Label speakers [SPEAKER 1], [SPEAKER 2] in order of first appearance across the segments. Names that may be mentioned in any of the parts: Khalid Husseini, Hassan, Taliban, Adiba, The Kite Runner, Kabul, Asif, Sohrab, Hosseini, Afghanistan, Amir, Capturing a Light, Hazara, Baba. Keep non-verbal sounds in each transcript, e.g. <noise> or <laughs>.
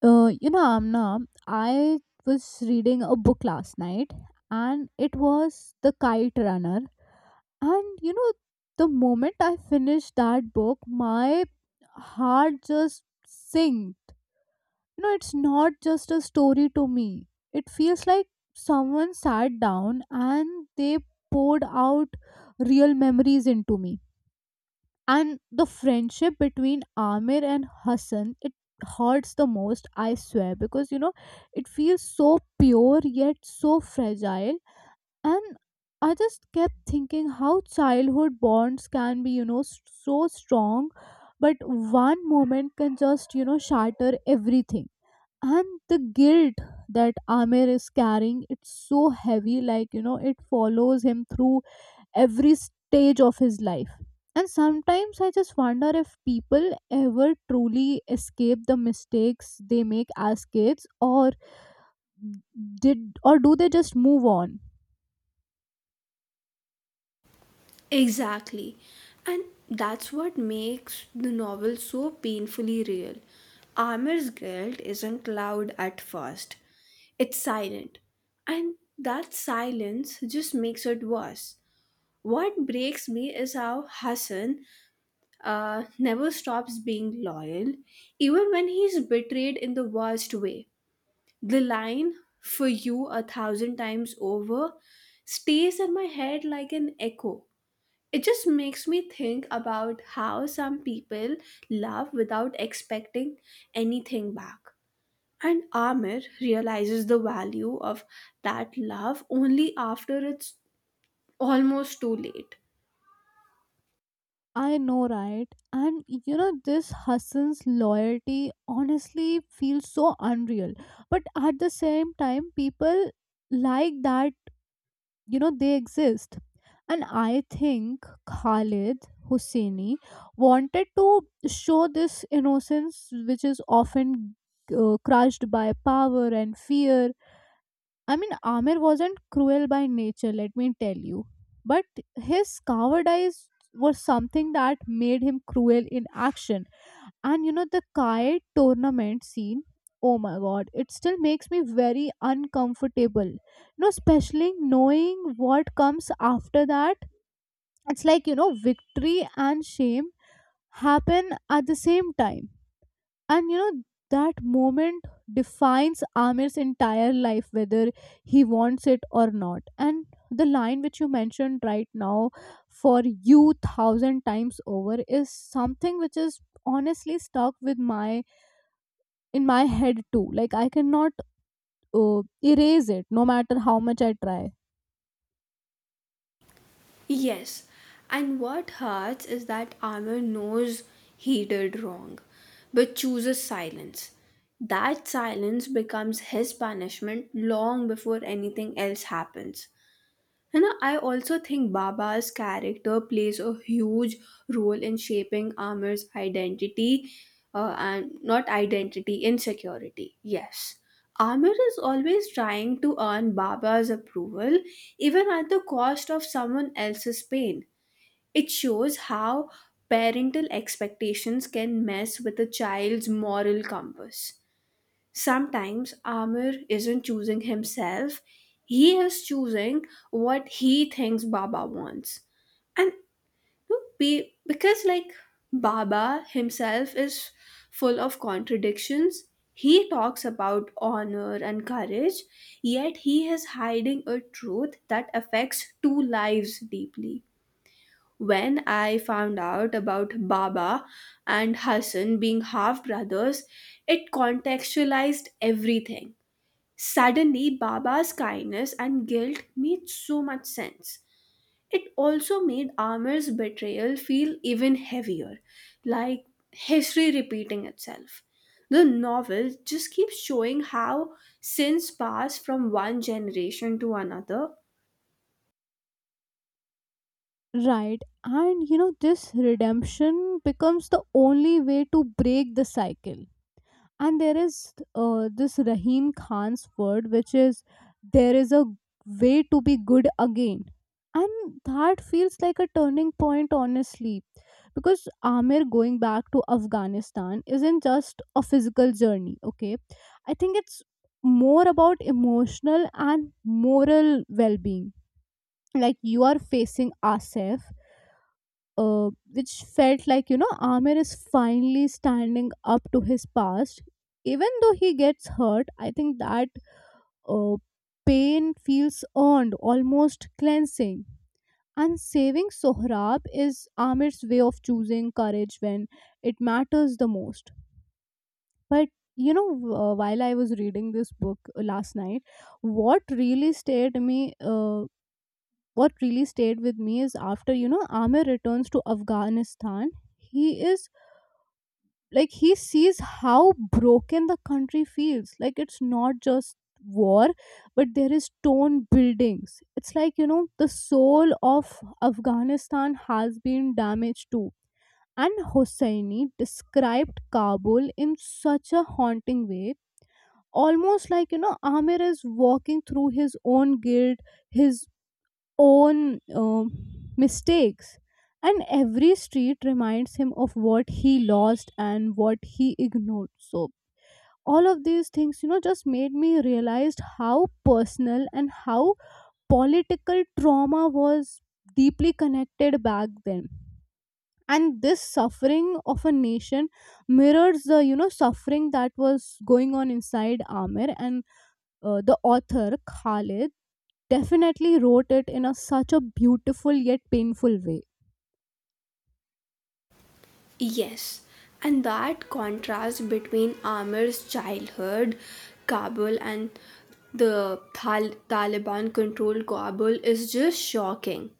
[SPEAKER 1] Amna, I was reading a book last night, and it was The Kite Runner. And you know, the moment I finished that book, my heart just sank. You know, it's not just a story to me, it feels like someone sat down and they poured out real memories into me, and the friendship between Amir and Hassan, it hurts the most, I swear, because it feels so pure yet so fragile. And I just kept thinking how childhood bonds can be, so strong, but one moment can just, shatter everything. And the guilt that Amir is carrying, it's so heavy, like it follows him through every stage of his life. And sometimes I just wonder if people ever truly escape the mistakes they make as kids, or did, or do they just move on?
[SPEAKER 2] Exactly. And that's what makes the novel so painfully real. Amir's guilt isn't loud at first, it's silent. And that silence just makes it worse. What breaks me is how Hassan never stops being loyal, even when he's betrayed in the worst way. The line, for you a thousand times over, stays in my head like an echo. It just makes me think about how some people love without expecting anything back. And Amir realizes the value of that love only after it's almost too late.
[SPEAKER 1] I know, right? This Hassan's loyalty honestly feels so unreal. But at the same time, people like that, they exist. And I think Khalid Husseini wanted to show this innocence, which is often crushed by power and fear. I mean, Amir wasn't cruel by nature, let me tell you, but his coward eyes were something that made him cruel in action. And you know, the kite tournament scene, oh my god, it still makes me very uncomfortable. You know, especially knowing what comes after that. It's like, you know, victory and shame happen at the same time. And you know, that moment defines Amir's entire life, whether he wants it or not. And the line which you mentioned right now, "for you thousand times over," is something which is honestly stuck with my, in my head too. Like, I cannot uh, erase it, no matter how much I try.
[SPEAKER 2] Yes, and what hurts is that Amir knows he did wrong, but chooses silence. That silence becomes his punishment long before anything else happens. You know, I also think Baba's character plays a huge role in shaping Amir's identity and not identity, insecurity. Yes. Amir is always trying to earn Baba's approval, even at the cost of someone else's pain. It shows how parental expectations can mess with a child's moral compass. Sometimes Amir isn't choosing himself, he is choosing what he thinks Baba wants. And because, like, Baba himself is full of contradictions, he talks about honor and courage, yet he is hiding a truth that affects two lives deeply. When I found out about Baba and Hassan being half brothers, it contextualized everything. Suddenly, Baba's kindness and guilt made so much sense. It also made Amir's betrayal feel even heavier, like history repeating itself. The novel just keeps showing how sins pass from one generation to another.
[SPEAKER 1] Right. And you know, this redemption becomes the only way to break the cycle. And there is, this Rahim Khan's word, which is, there is a way to be good again. And that feels like a turning point, honestly, because Amir going back to Afghanistan isn't just a physical journey, okay? I think it's more about emotional and moral well being. Like, you are facing Asif, which felt like, you know, Amir is finally standing up to his past. Even though he gets hurt, I think that uh, pain feels earned, almost cleansing. And saving Sohrab is Amir's way of choosing courage when it matters the most. But while I was reading this book last night, what really stayed me, uh, what really stayed with me is, after you know Amir returns to Afghanistan, he is, like, he sees how broken the country feels. Like, it's not just war, but there is torn buildings. It's like, you know, the soul of Afghanistan has been damaged too. And Hosseini described Kabul in such a haunting way, almost like, you know, Amir is walking through his own guilt, his own mistakes. And every street reminds him of what he lost and what he ignored. So, all of these things, you know, just made me realize how personal and how political trauma was deeply connected back then. And this suffering of a nation mirrors the, you know, suffering that was going on inside Amir. And the author Khalid definitely wrote it in a, such a beautiful yet painful way.
[SPEAKER 2] Yes, and that contrast between Amir's childhood Kabul and the Taliban controlled Kabul is just shocking.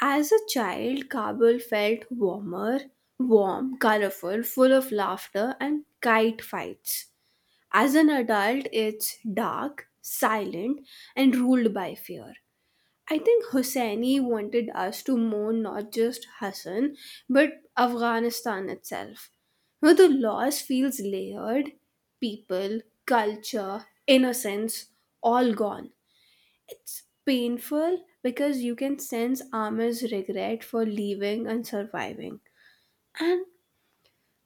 [SPEAKER 2] As a child, Kabul felt warmer, warm, colorful, full of laughter and kite fights. As an adult, it's dark, silent, and ruled by fear. I think Hosseini wanted us to mourn not just Hassan, but Afghanistan itself. Now, the loss feels layered: people, culture, innocence, all gone. It's painful because you can sense Amir's regret for leaving and surviving. And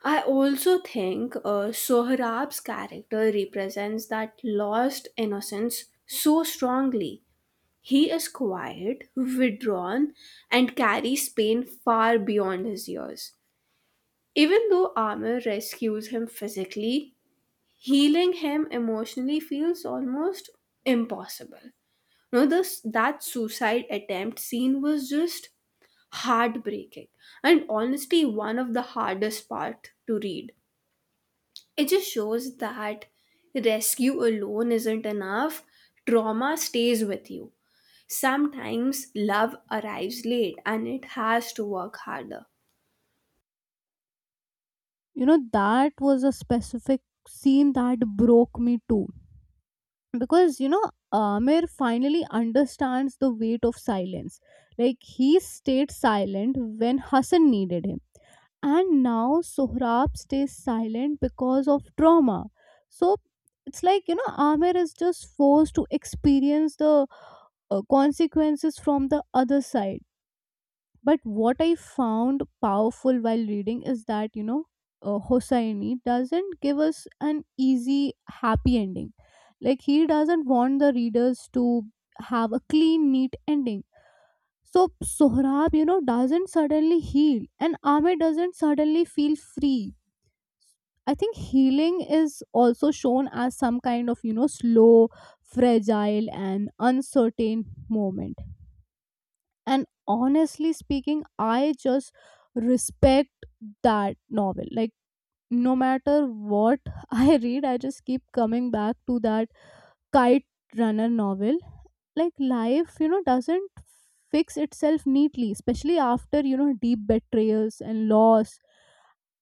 [SPEAKER 2] I also think Sohrab's character represents that lost innocence so strongly. He is quiet, withdrawn, and carries pain far beyond his years. Even though Amir rescues him physically, healing him emotionally feels almost impossible. No, this, that suicide attempt scene was just heartbreaking, and honestly one of the hardest part to read. It just shows that rescue alone isn't enough. Trauma stays with you. Sometimes love arrives late and it has to work harder.
[SPEAKER 1] You know, that was a specific scene that broke me too. Because, you know, Amir finally understands the weight of silence. Like, he stayed silent when Hassan needed him. And now Sohrab stays silent because of trauma. So, it's like, you know, Amir is just forced to experience the consequences from the other side. But what I found powerful while reading is that, you know, Hosseini doesn't give us an easy, happy ending. Like, he doesn't want the readers to have a clean, neat ending. So, Sohrab, you know, doesn't suddenly heal, and Ahmed doesn't suddenly feel free. I think healing is also shown as some kind of, you know, slow, fragile, and uncertain moment. And honestly speaking, I just respect that novel. Like, no matter what <laughs> I read, I just keep coming back to that Kite Runner novel. Like, life, you know, doesn't fix itself neatly, especially after, you know, deep betrayals and loss.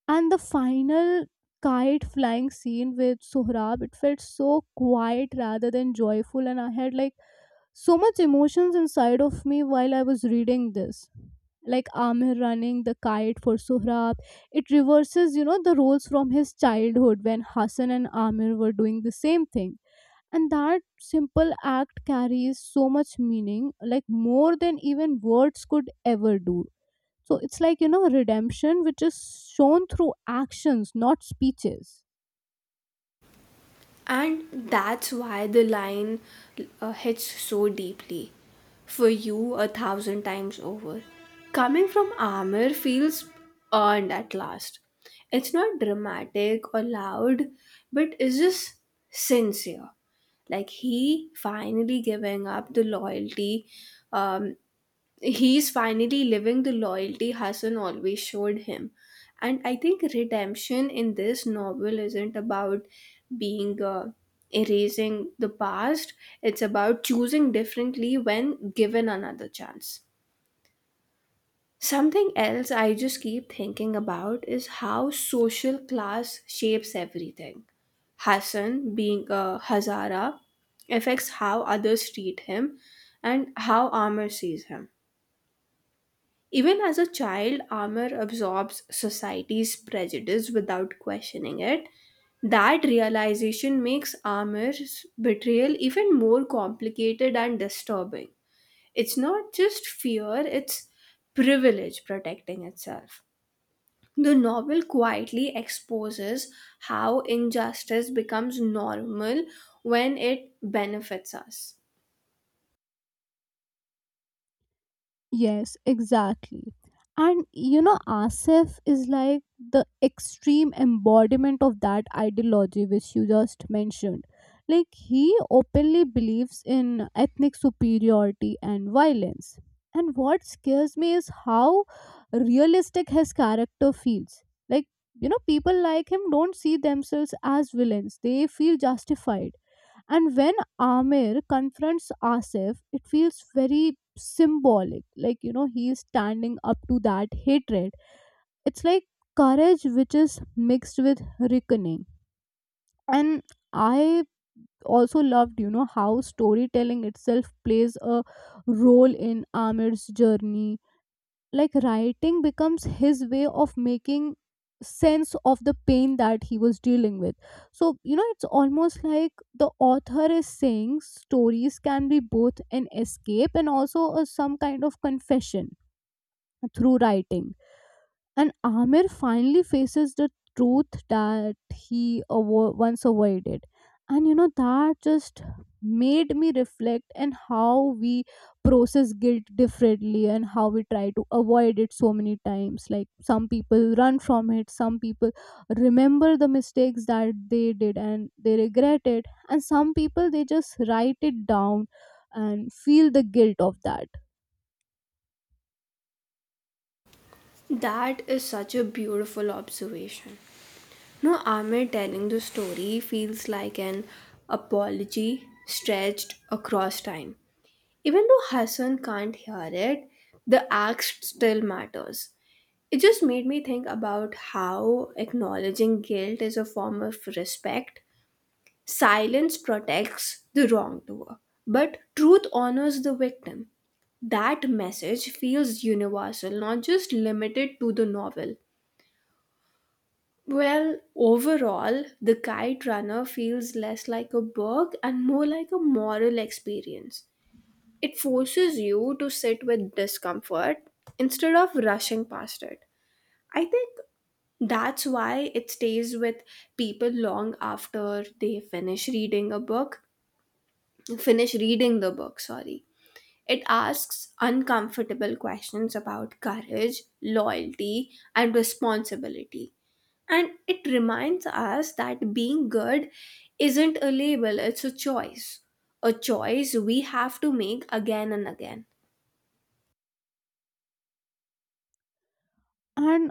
[SPEAKER 1] And the final kite flying scene with Sohrab, it felt so quiet rather than joyful. And I had like so much emotions inside of me while I was reading this. Like, Amir running the kite for Sohrab, it reverses, you know, the roles from his childhood when Hassan and Amir were doing the same thing. And that simple act carries so much meaning, like more than even words could ever do. So it's like, you know, redemption which is shown through actions, not speeches.
[SPEAKER 2] And that's why the line hits so deeply. For you, a thousand times over. Coming from Amir feels earned at last. It's not dramatic or loud, but it's just sincere. Like he finally giving up the loyalty, um, he's finally living the loyalty Hassan always showed him. And I think redemption in this novel isn't about being erasing the past, it's about choosing differently when given another chance. Something else I just keep thinking about is how social class shapes everything. Hassan, being a Hazara, affects how others treat him and how Amr sees him. Even as a child, Amar absorbs society's prejudice without questioning it. That realization makes Amar's betrayal even more complicated and disturbing. It's not just fear, it's privilege protecting itself. The novel quietly exposes how injustice becomes normal when it benefits us.
[SPEAKER 1] Yes, exactly. And you know, Asif is like the extreme embodiment of that ideology which you just mentioned. Like, he openly believes in ethnic superiority and violence. And what scares me is how realistic his character feels. Like, you know, people like him don't see themselves as villains, they feel justified. And when Amir confronts Asif, it feels very symbolic. Like, you know, he is standing up to that hatred. It's like courage which is mixed with reckoning. And I also loved, you know, how storytelling itself plays a role in Amir's journey. Like, writing becomes his way of making sense of the pain that he was dealing with. So, you know, it's almost like the author is saying stories can be both an escape and also a, some kind of confession. Through writing, and Amir finally faces the truth that he once avoided. And you know, that just made me reflect and how we process guilt differently and how we try to avoid it so many times. Like, some people run from it, some people remember the mistakes that they did and they regret it, and some people they just write it down and feel the guilt of that.
[SPEAKER 2] That is such a beautiful observation. No, Amir telling the story feels like an apology stretched across time. Even though Hassan can't hear it, the act still matters. It just made me think about how acknowledging guilt is a form of respect. Silence protects the wrongdoer, but truth honors the victim. That message feels universal, not just limited to the novel. Well, overall, the kite runner feels less like a work and more like a moral experience. It forces you to sit with discomfort instead of rushing past it. I think that's why it stays with people long after they finish reading the book, sorry. It asks uncomfortable questions about courage, loyalty, and responsibility, and it reminds us that being good isn't a label, it's a choice, a choice we have to make again and again.
[SPEAKER 1] And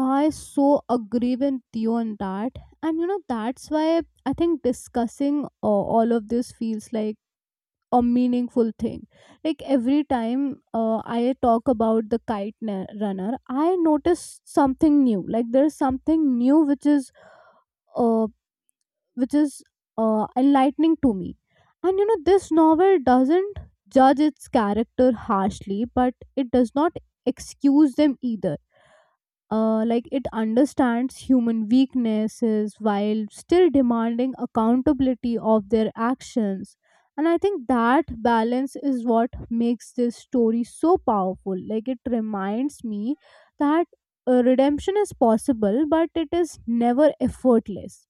[SPEAKER 1] I so agree with you on that. And you know, that's why I think discussing, all of this feels like a meaningful thing. Like, every time I talk about the Runner, I notice something new. Like, there's something new which is uh, which is enlightening to me. And you know, this novel doesn't judge its character harshly, but it does not excuse them either. Like, it understands human weaknesses while still demanding accountability of their actions. And I think that balance is what makes this story so powerful. Like, it reminds me that redemption is possible, but it is never effortless.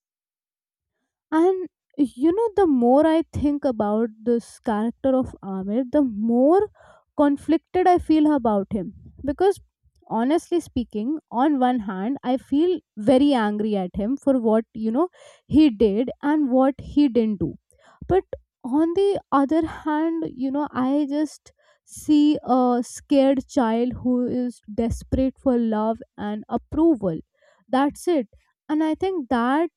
[SPEAKER 1] And you know, the more I think about this character of Amir, the more conflicted I feel about him. Because honestly speaking, on one hand, I feel very angry at him for what, you know, he did and what he didn't do. But on the other hand, you know, I just see a scared child who is desperate for love and approval. That's it. And I think that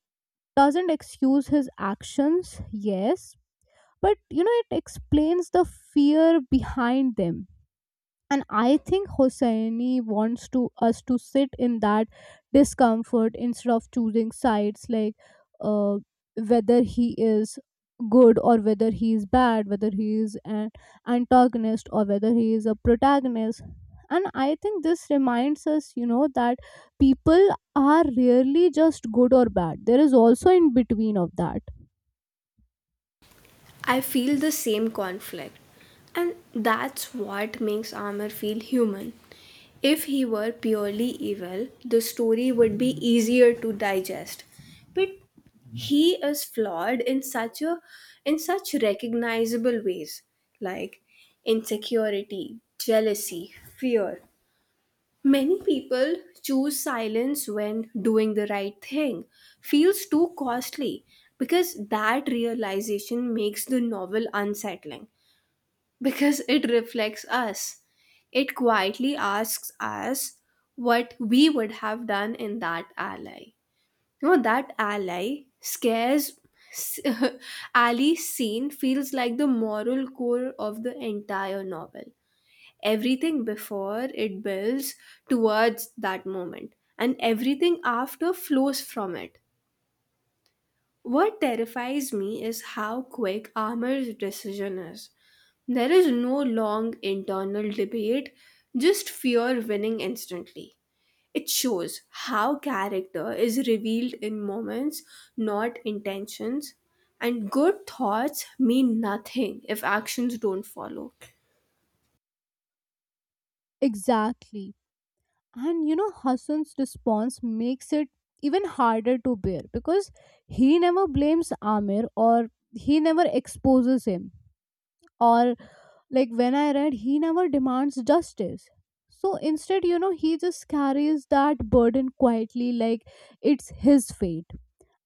[SPEAKER 1] doesn't excuse his actions, yes, but you know, it explains the fear behind them. And I think Hosseini wants to, us to sit in that discomfort instead of choosing sides. Like, uh, whether he is good or whether he is bad, whether he is an antagonist or whether he is a protagonist. And I think this reminds us, you know, that people are rarely just good or bad, there is also in between of that.
[SPEAKER 2] I feel the same conflict, and that's what makes armor feel human. If he were purely evil, the story would be easier to digest, but he is flawed in such a in such recognizable ways, like insecurity, jealousy, fear. Many people choose silence when doing the right thing feels too costly, because that realization makes the novel unsettling because it reflects us. It quietly asks us what we would have done in that ally. You know, that ally scares. <laughs> Ali's scene feels like the moral core of the entire novel. Everything before it builds towards that moment and everything after flows from it. What terrifies me is how quick Amar's decision is. There is no long internal debate, just fear winning instantly. It shows how character is revealed in moments, not intentions, and good thoughts mean nothing if actions don't follow.
[SPEAKER 1] Exactly. And you know, Hassan's response makes it even harder to bear, because he never blames Amir, or he never exposes him. Or, like when I read, he never demands justice. So instead, you know, he just carries that burden quietly like it's his fate.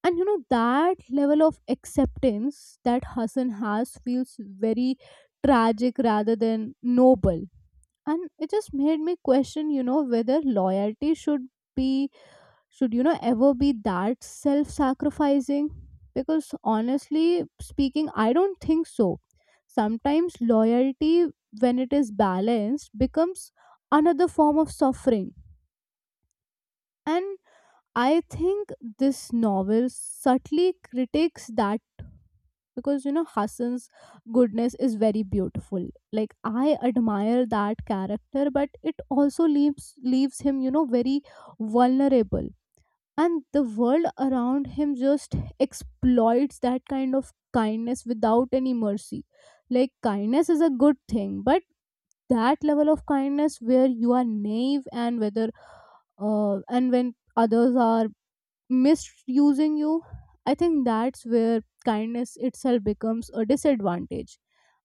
[SPEAKER 1] And you know, that level of acceptance that Hassan has feels very tragic rather than noble. And it just made me question, you know, whether loyalty should be, should, you know, ever be that self sacrificing. Because honestly speaking, I don't think so. Sometimes loyalty, when it is balanced, becomes another form of suffering. And I think this novel subtly critiques that, because you know Hassan's goodness is very beautiful. Like, I admire that character, but it also leaves him, you know, very vulnerable, and the world around him just exploits that kind of kindness without any mercy. Like kindness is a good thing, but that level of kindness where you are naive and whether and when others are misusing you, I think that's where kindness itself becomes a disadvantage.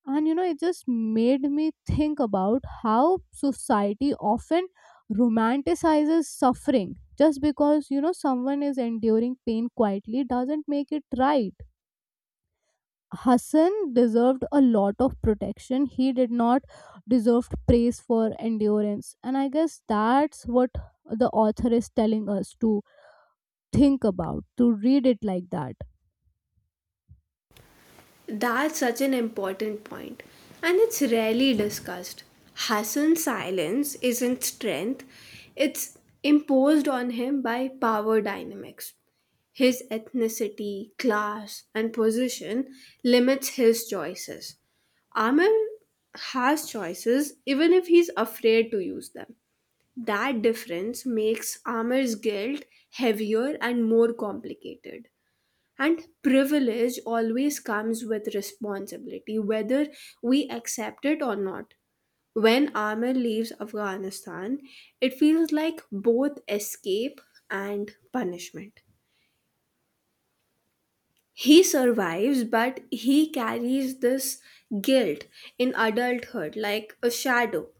[SPEAKER 1] And you know, it just made me think about how society often romanticizes suffering. Just because you know someone is enduring pain quietly doesn't make it right. Hassan deserved a lot of protection. He did not deserve praise for endurance, and I guess that's what the author is telling us to think about, to read it like that.
[SPEAKER 2] That's such an important point, and it's rarely discussed. Hassan's silence isn't strength, it's imposed on him by power dynamics. His ethnicity, class, and position limits his choices. Amir has choices even if he's afraid to use them. That difference makes Amir's guilt heavier and more complicated. And privilege always comes with responsibility, whether we accept it or not. When Amir leaves Afghanistan, it feels like both escape and punishment. He survives, but he carries this guilt in adulthood like a shadow.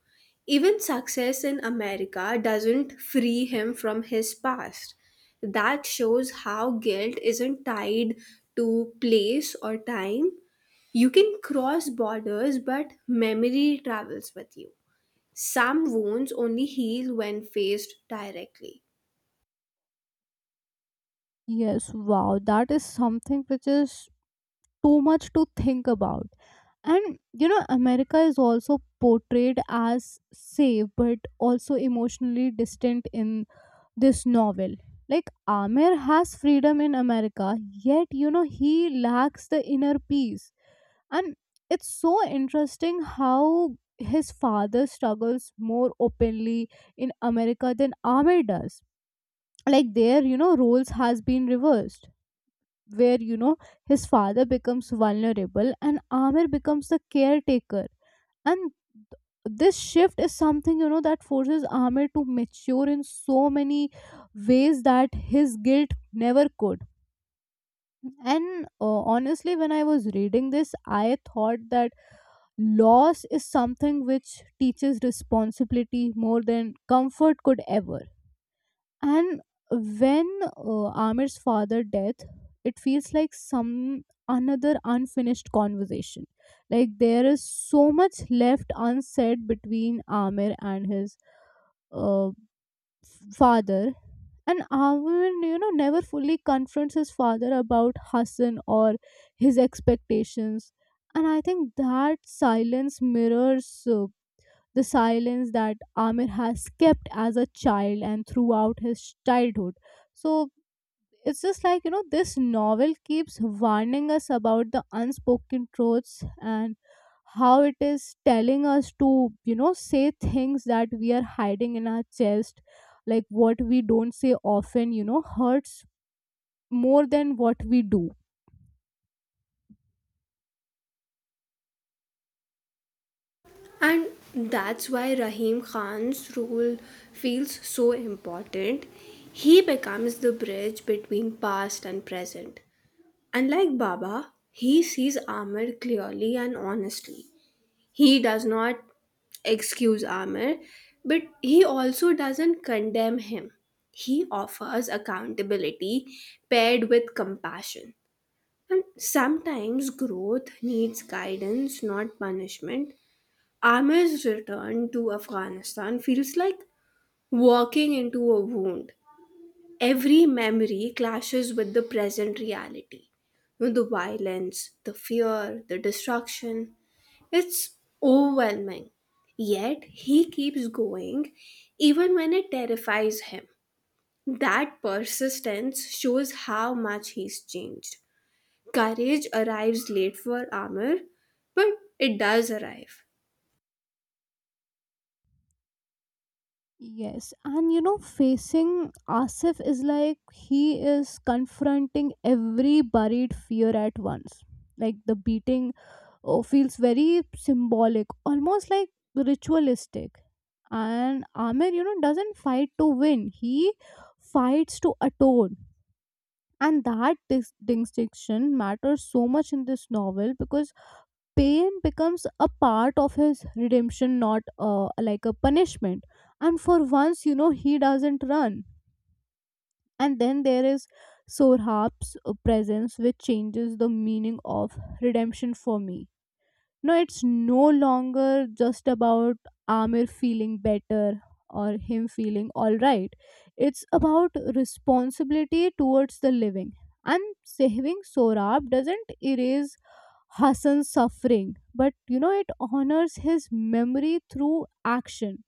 [SPEAKER 2] Even success in America doesn't free him from his past. That shows how guilt isn't tied to place or time, you can cross borders, but memory travels with you. Some wounds only heal when faced directly.
[SPEAKER 1] Yes, wow, that is something which is too much to think about. And you know, America is also portrayed as safe but also emotionally distant in this novel. Like, Amir has freedom in America, yet, you know, he lacks the inner peace. And it's so interesting how his father struggles more openly in America than Amir does. Like, there, you know, roles has been reversed, where you know his father becomes vulnerable and Amir becomes the caretaker. And this shift is something, you know, that forces Amir to mature in so many ways that his guilt never could. And honestly, when I was reading this, I thought that loss is something which teaches responsibility more than comfort could ever. And when, Amir's father death, it feels like some another unfinished conversation. Like there is so much left unsaid between Amir and his uh, f- father. And Amir, you know, never fully confronts his father about Hassan or his expectations. And I think that silence mirrors the silence that Amir has kept as a child and throughout his childhood. So it's just like, you know, this novel keeps warning us about the unspoken truths, and how it is telling us to, you know, say things that we are hiding in our chest. Like what we don't say often, you know, hurts more than what we do.
[SPEAKER 2] And that's why Rahim Khan's role feels so important. He becomes the bridge between past and present. Unlike Baba, he sees Ahmed clearly and honestly. He does not excuse Amir, but he also doesn't condemn him. He offers accountability paired with compassion. And sometimes growth needs guidance, not punishment. Amir's return to Afghanistan feels like walking into a wound. Every memory clashes with the present reality. You know, the violence, the fear, the destruction. It's overwhelming. Yet he keeps going even when it terrifies him. That persistence shows how much he's changed. Courage arrives late for armor, but it does arrive.
[SPEAKER 1] Yes, and you know, facing Asif is like he is confronting every buried fear at once. Like the beating, oh, feels very symbolic, almost like ritualistic. And Amir, you know, doesn't fight to win, he fights to atone. And that distinction matters so much in this novel, because pain becomes a part of his redemption, not like a punishment. And for once, you know, he doesn't run. And then there is Sorhab's presence which changes the meaning of redemption for me. No, it's no longer just about Amir feeling better, or him feeling all right. It's about responsibility towards the living. And saving Sorab doesn't erase Hassan's suffering, but you know, it honors his memory through action.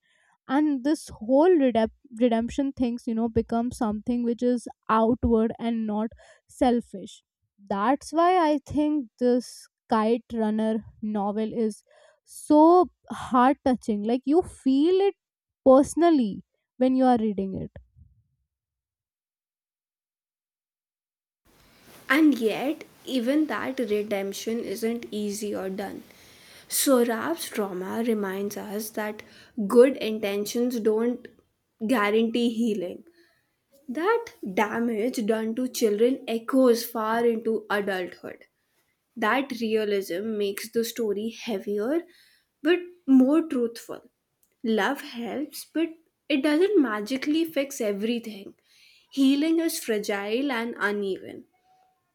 [SPEAKER 1] And this whole redemption things, you know, becomes something which is outward and not selfish. That's why I think this Kite Runner novel is so heart touching. Like, you feel it personally when you are reading it.
[SPEAKER 2] And yet, even that redemption isn't easy or done. Sohrab's trauma reminds us that good intentions don't guarantee healing. That damage done to children echoes far into adulthood. That realism makes the story heavier but more truthful. Love helps, but it doesn't magically fix everything. Healing is fragile and uneven.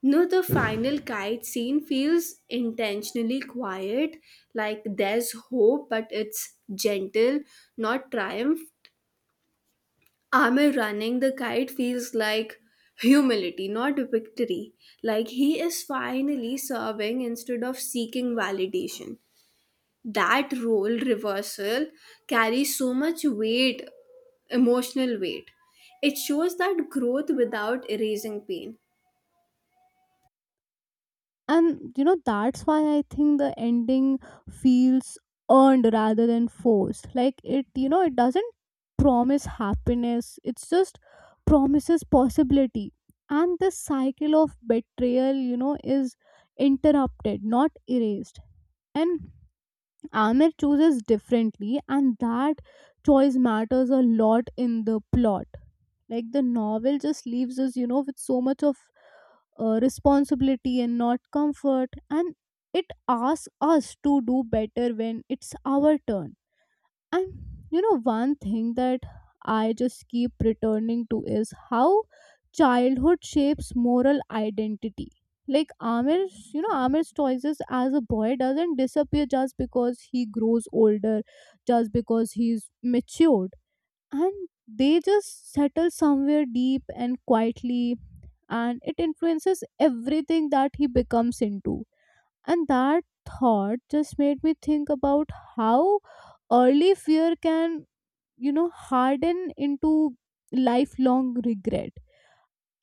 [SPEAKER 2] No, the final kite scene feels intentionally quiet, like there's hope, but it's gentle, not triumph. Amir running the kite feels like humility, not victory. Like he is finally serving instead of seeking validation. That role reversal carries so much weight, emotional weight. It shows that growth without erasing pain.
[SPEAKER 1] And you know, that's why I think the ending feels earned rather than forced. Like it, you know, it doesn't promise happiness, it's just promises possibility. And this cycle of betrayal, you know, is interrupted, not erased. And Amir chooses differently, and that choice matters a lot in the plot. Like the novel just leaves us, you know, with so much of responsibility and not comfort. And it asks us to do better when it's our turn. And you know, one thing that I just keep returning to is how childhood shapes moral identity. Like amir's you know amir's choices as a boy doesn't disappear just because he grows older, just because he's matured. And they just settle somewhere deep and quietly, and it influences everything that he becomes into. And that thought just made me think about how early fear can, you know, harden into lifelong regret.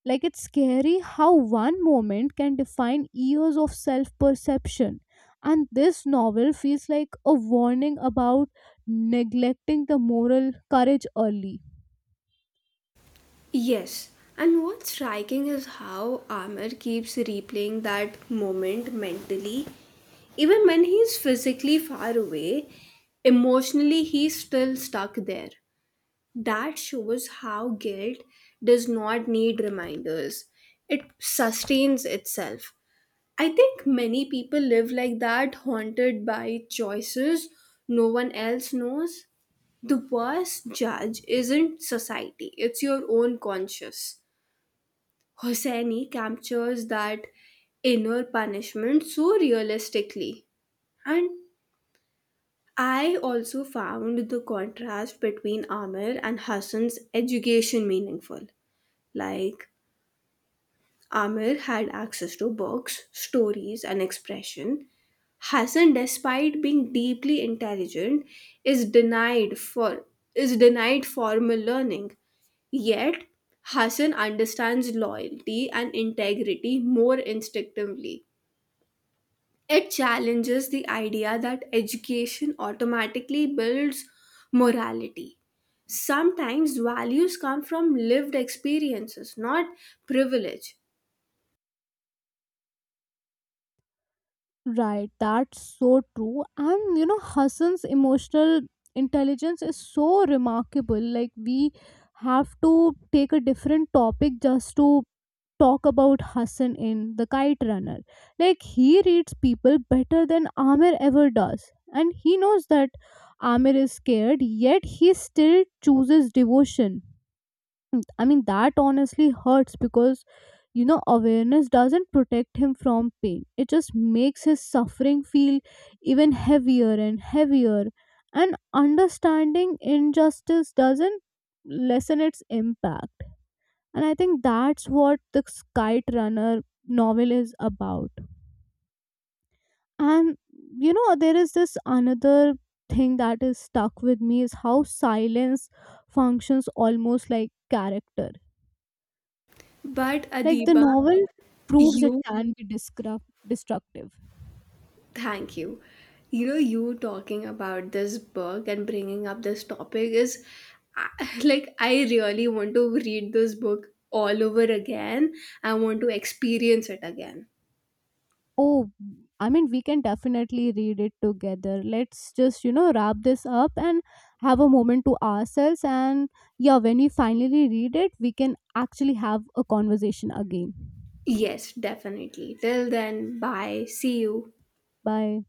[SPEAKER 1] Like it's scary how one moment can define years of self perception. And this novel feels like a warning about neglecting the moral courage early.
[SPEAKER 2] Yes, and what's striking is how Amir keeps replaying that moment mentally. Even when he's physically far away, emotionally he's still stuck there. That shows how guilt does not need reminders, it sustains itself. I think many people live like that, haunted by choices no one else knows. The worst judge isn't society, it's your own conscience. Hosseini captures that inner punishment so realistically. And I also found the contrast between Amir and Hassan's education meaningful. Like, Amir had access to books, stories, and expression. Hassan, despite being deeply intelligent, is denied for is denied formal learning. Yet, Hassan understands loyalty and integrity more instinctively. It challenges the idea that education automatically builds morality. Sometimes values come from lived experiences, not privilege.
[SPEAKER 1] Right, that's so true. And you know, Hassan's emotional intelligence is so remarkable. Like, we have to take a different topic just to talk about Hassan in The Kite Runner. Like, he reads people better than Amir ever does. And he knows that Amir is scared, yet he still chooses devotion. Mm, I mean, that honestly hurts because, you know, awareness doesn't protect him from pain. It just makes his suffering feel even heavier and heavier. And understanding injustice doesn't lessen its impact. And I think that's what the Kite Runner novel is about. And, you know, there is this another thing that is stuck with me is how silence functions almost like character.
[SPEAKER 2] But
[SPEAKER 1] Like the
[SPEAKER 2] Adiba,
[SPEAKER 1] novel proves it
[SPEAKER 2] you,
[SPEAKER 1] can be destructive.
[SPEAKER 2] thank you. You know, you talking about this book and bringing up this topic is, I- <laughs> like, I really want to read this book all over again. I want to experience it again.
[SPEAKER 1] Oh, I mean, we can definitely read it together. Let's just, you know, wrap this up and have a moment to ourselves. And yeah, when we finally read it, we can actually have a conversation again.
[SPEAKER 2] Yes, definitely. Till then, bye. See you.
[SPEAKER 1] Bye.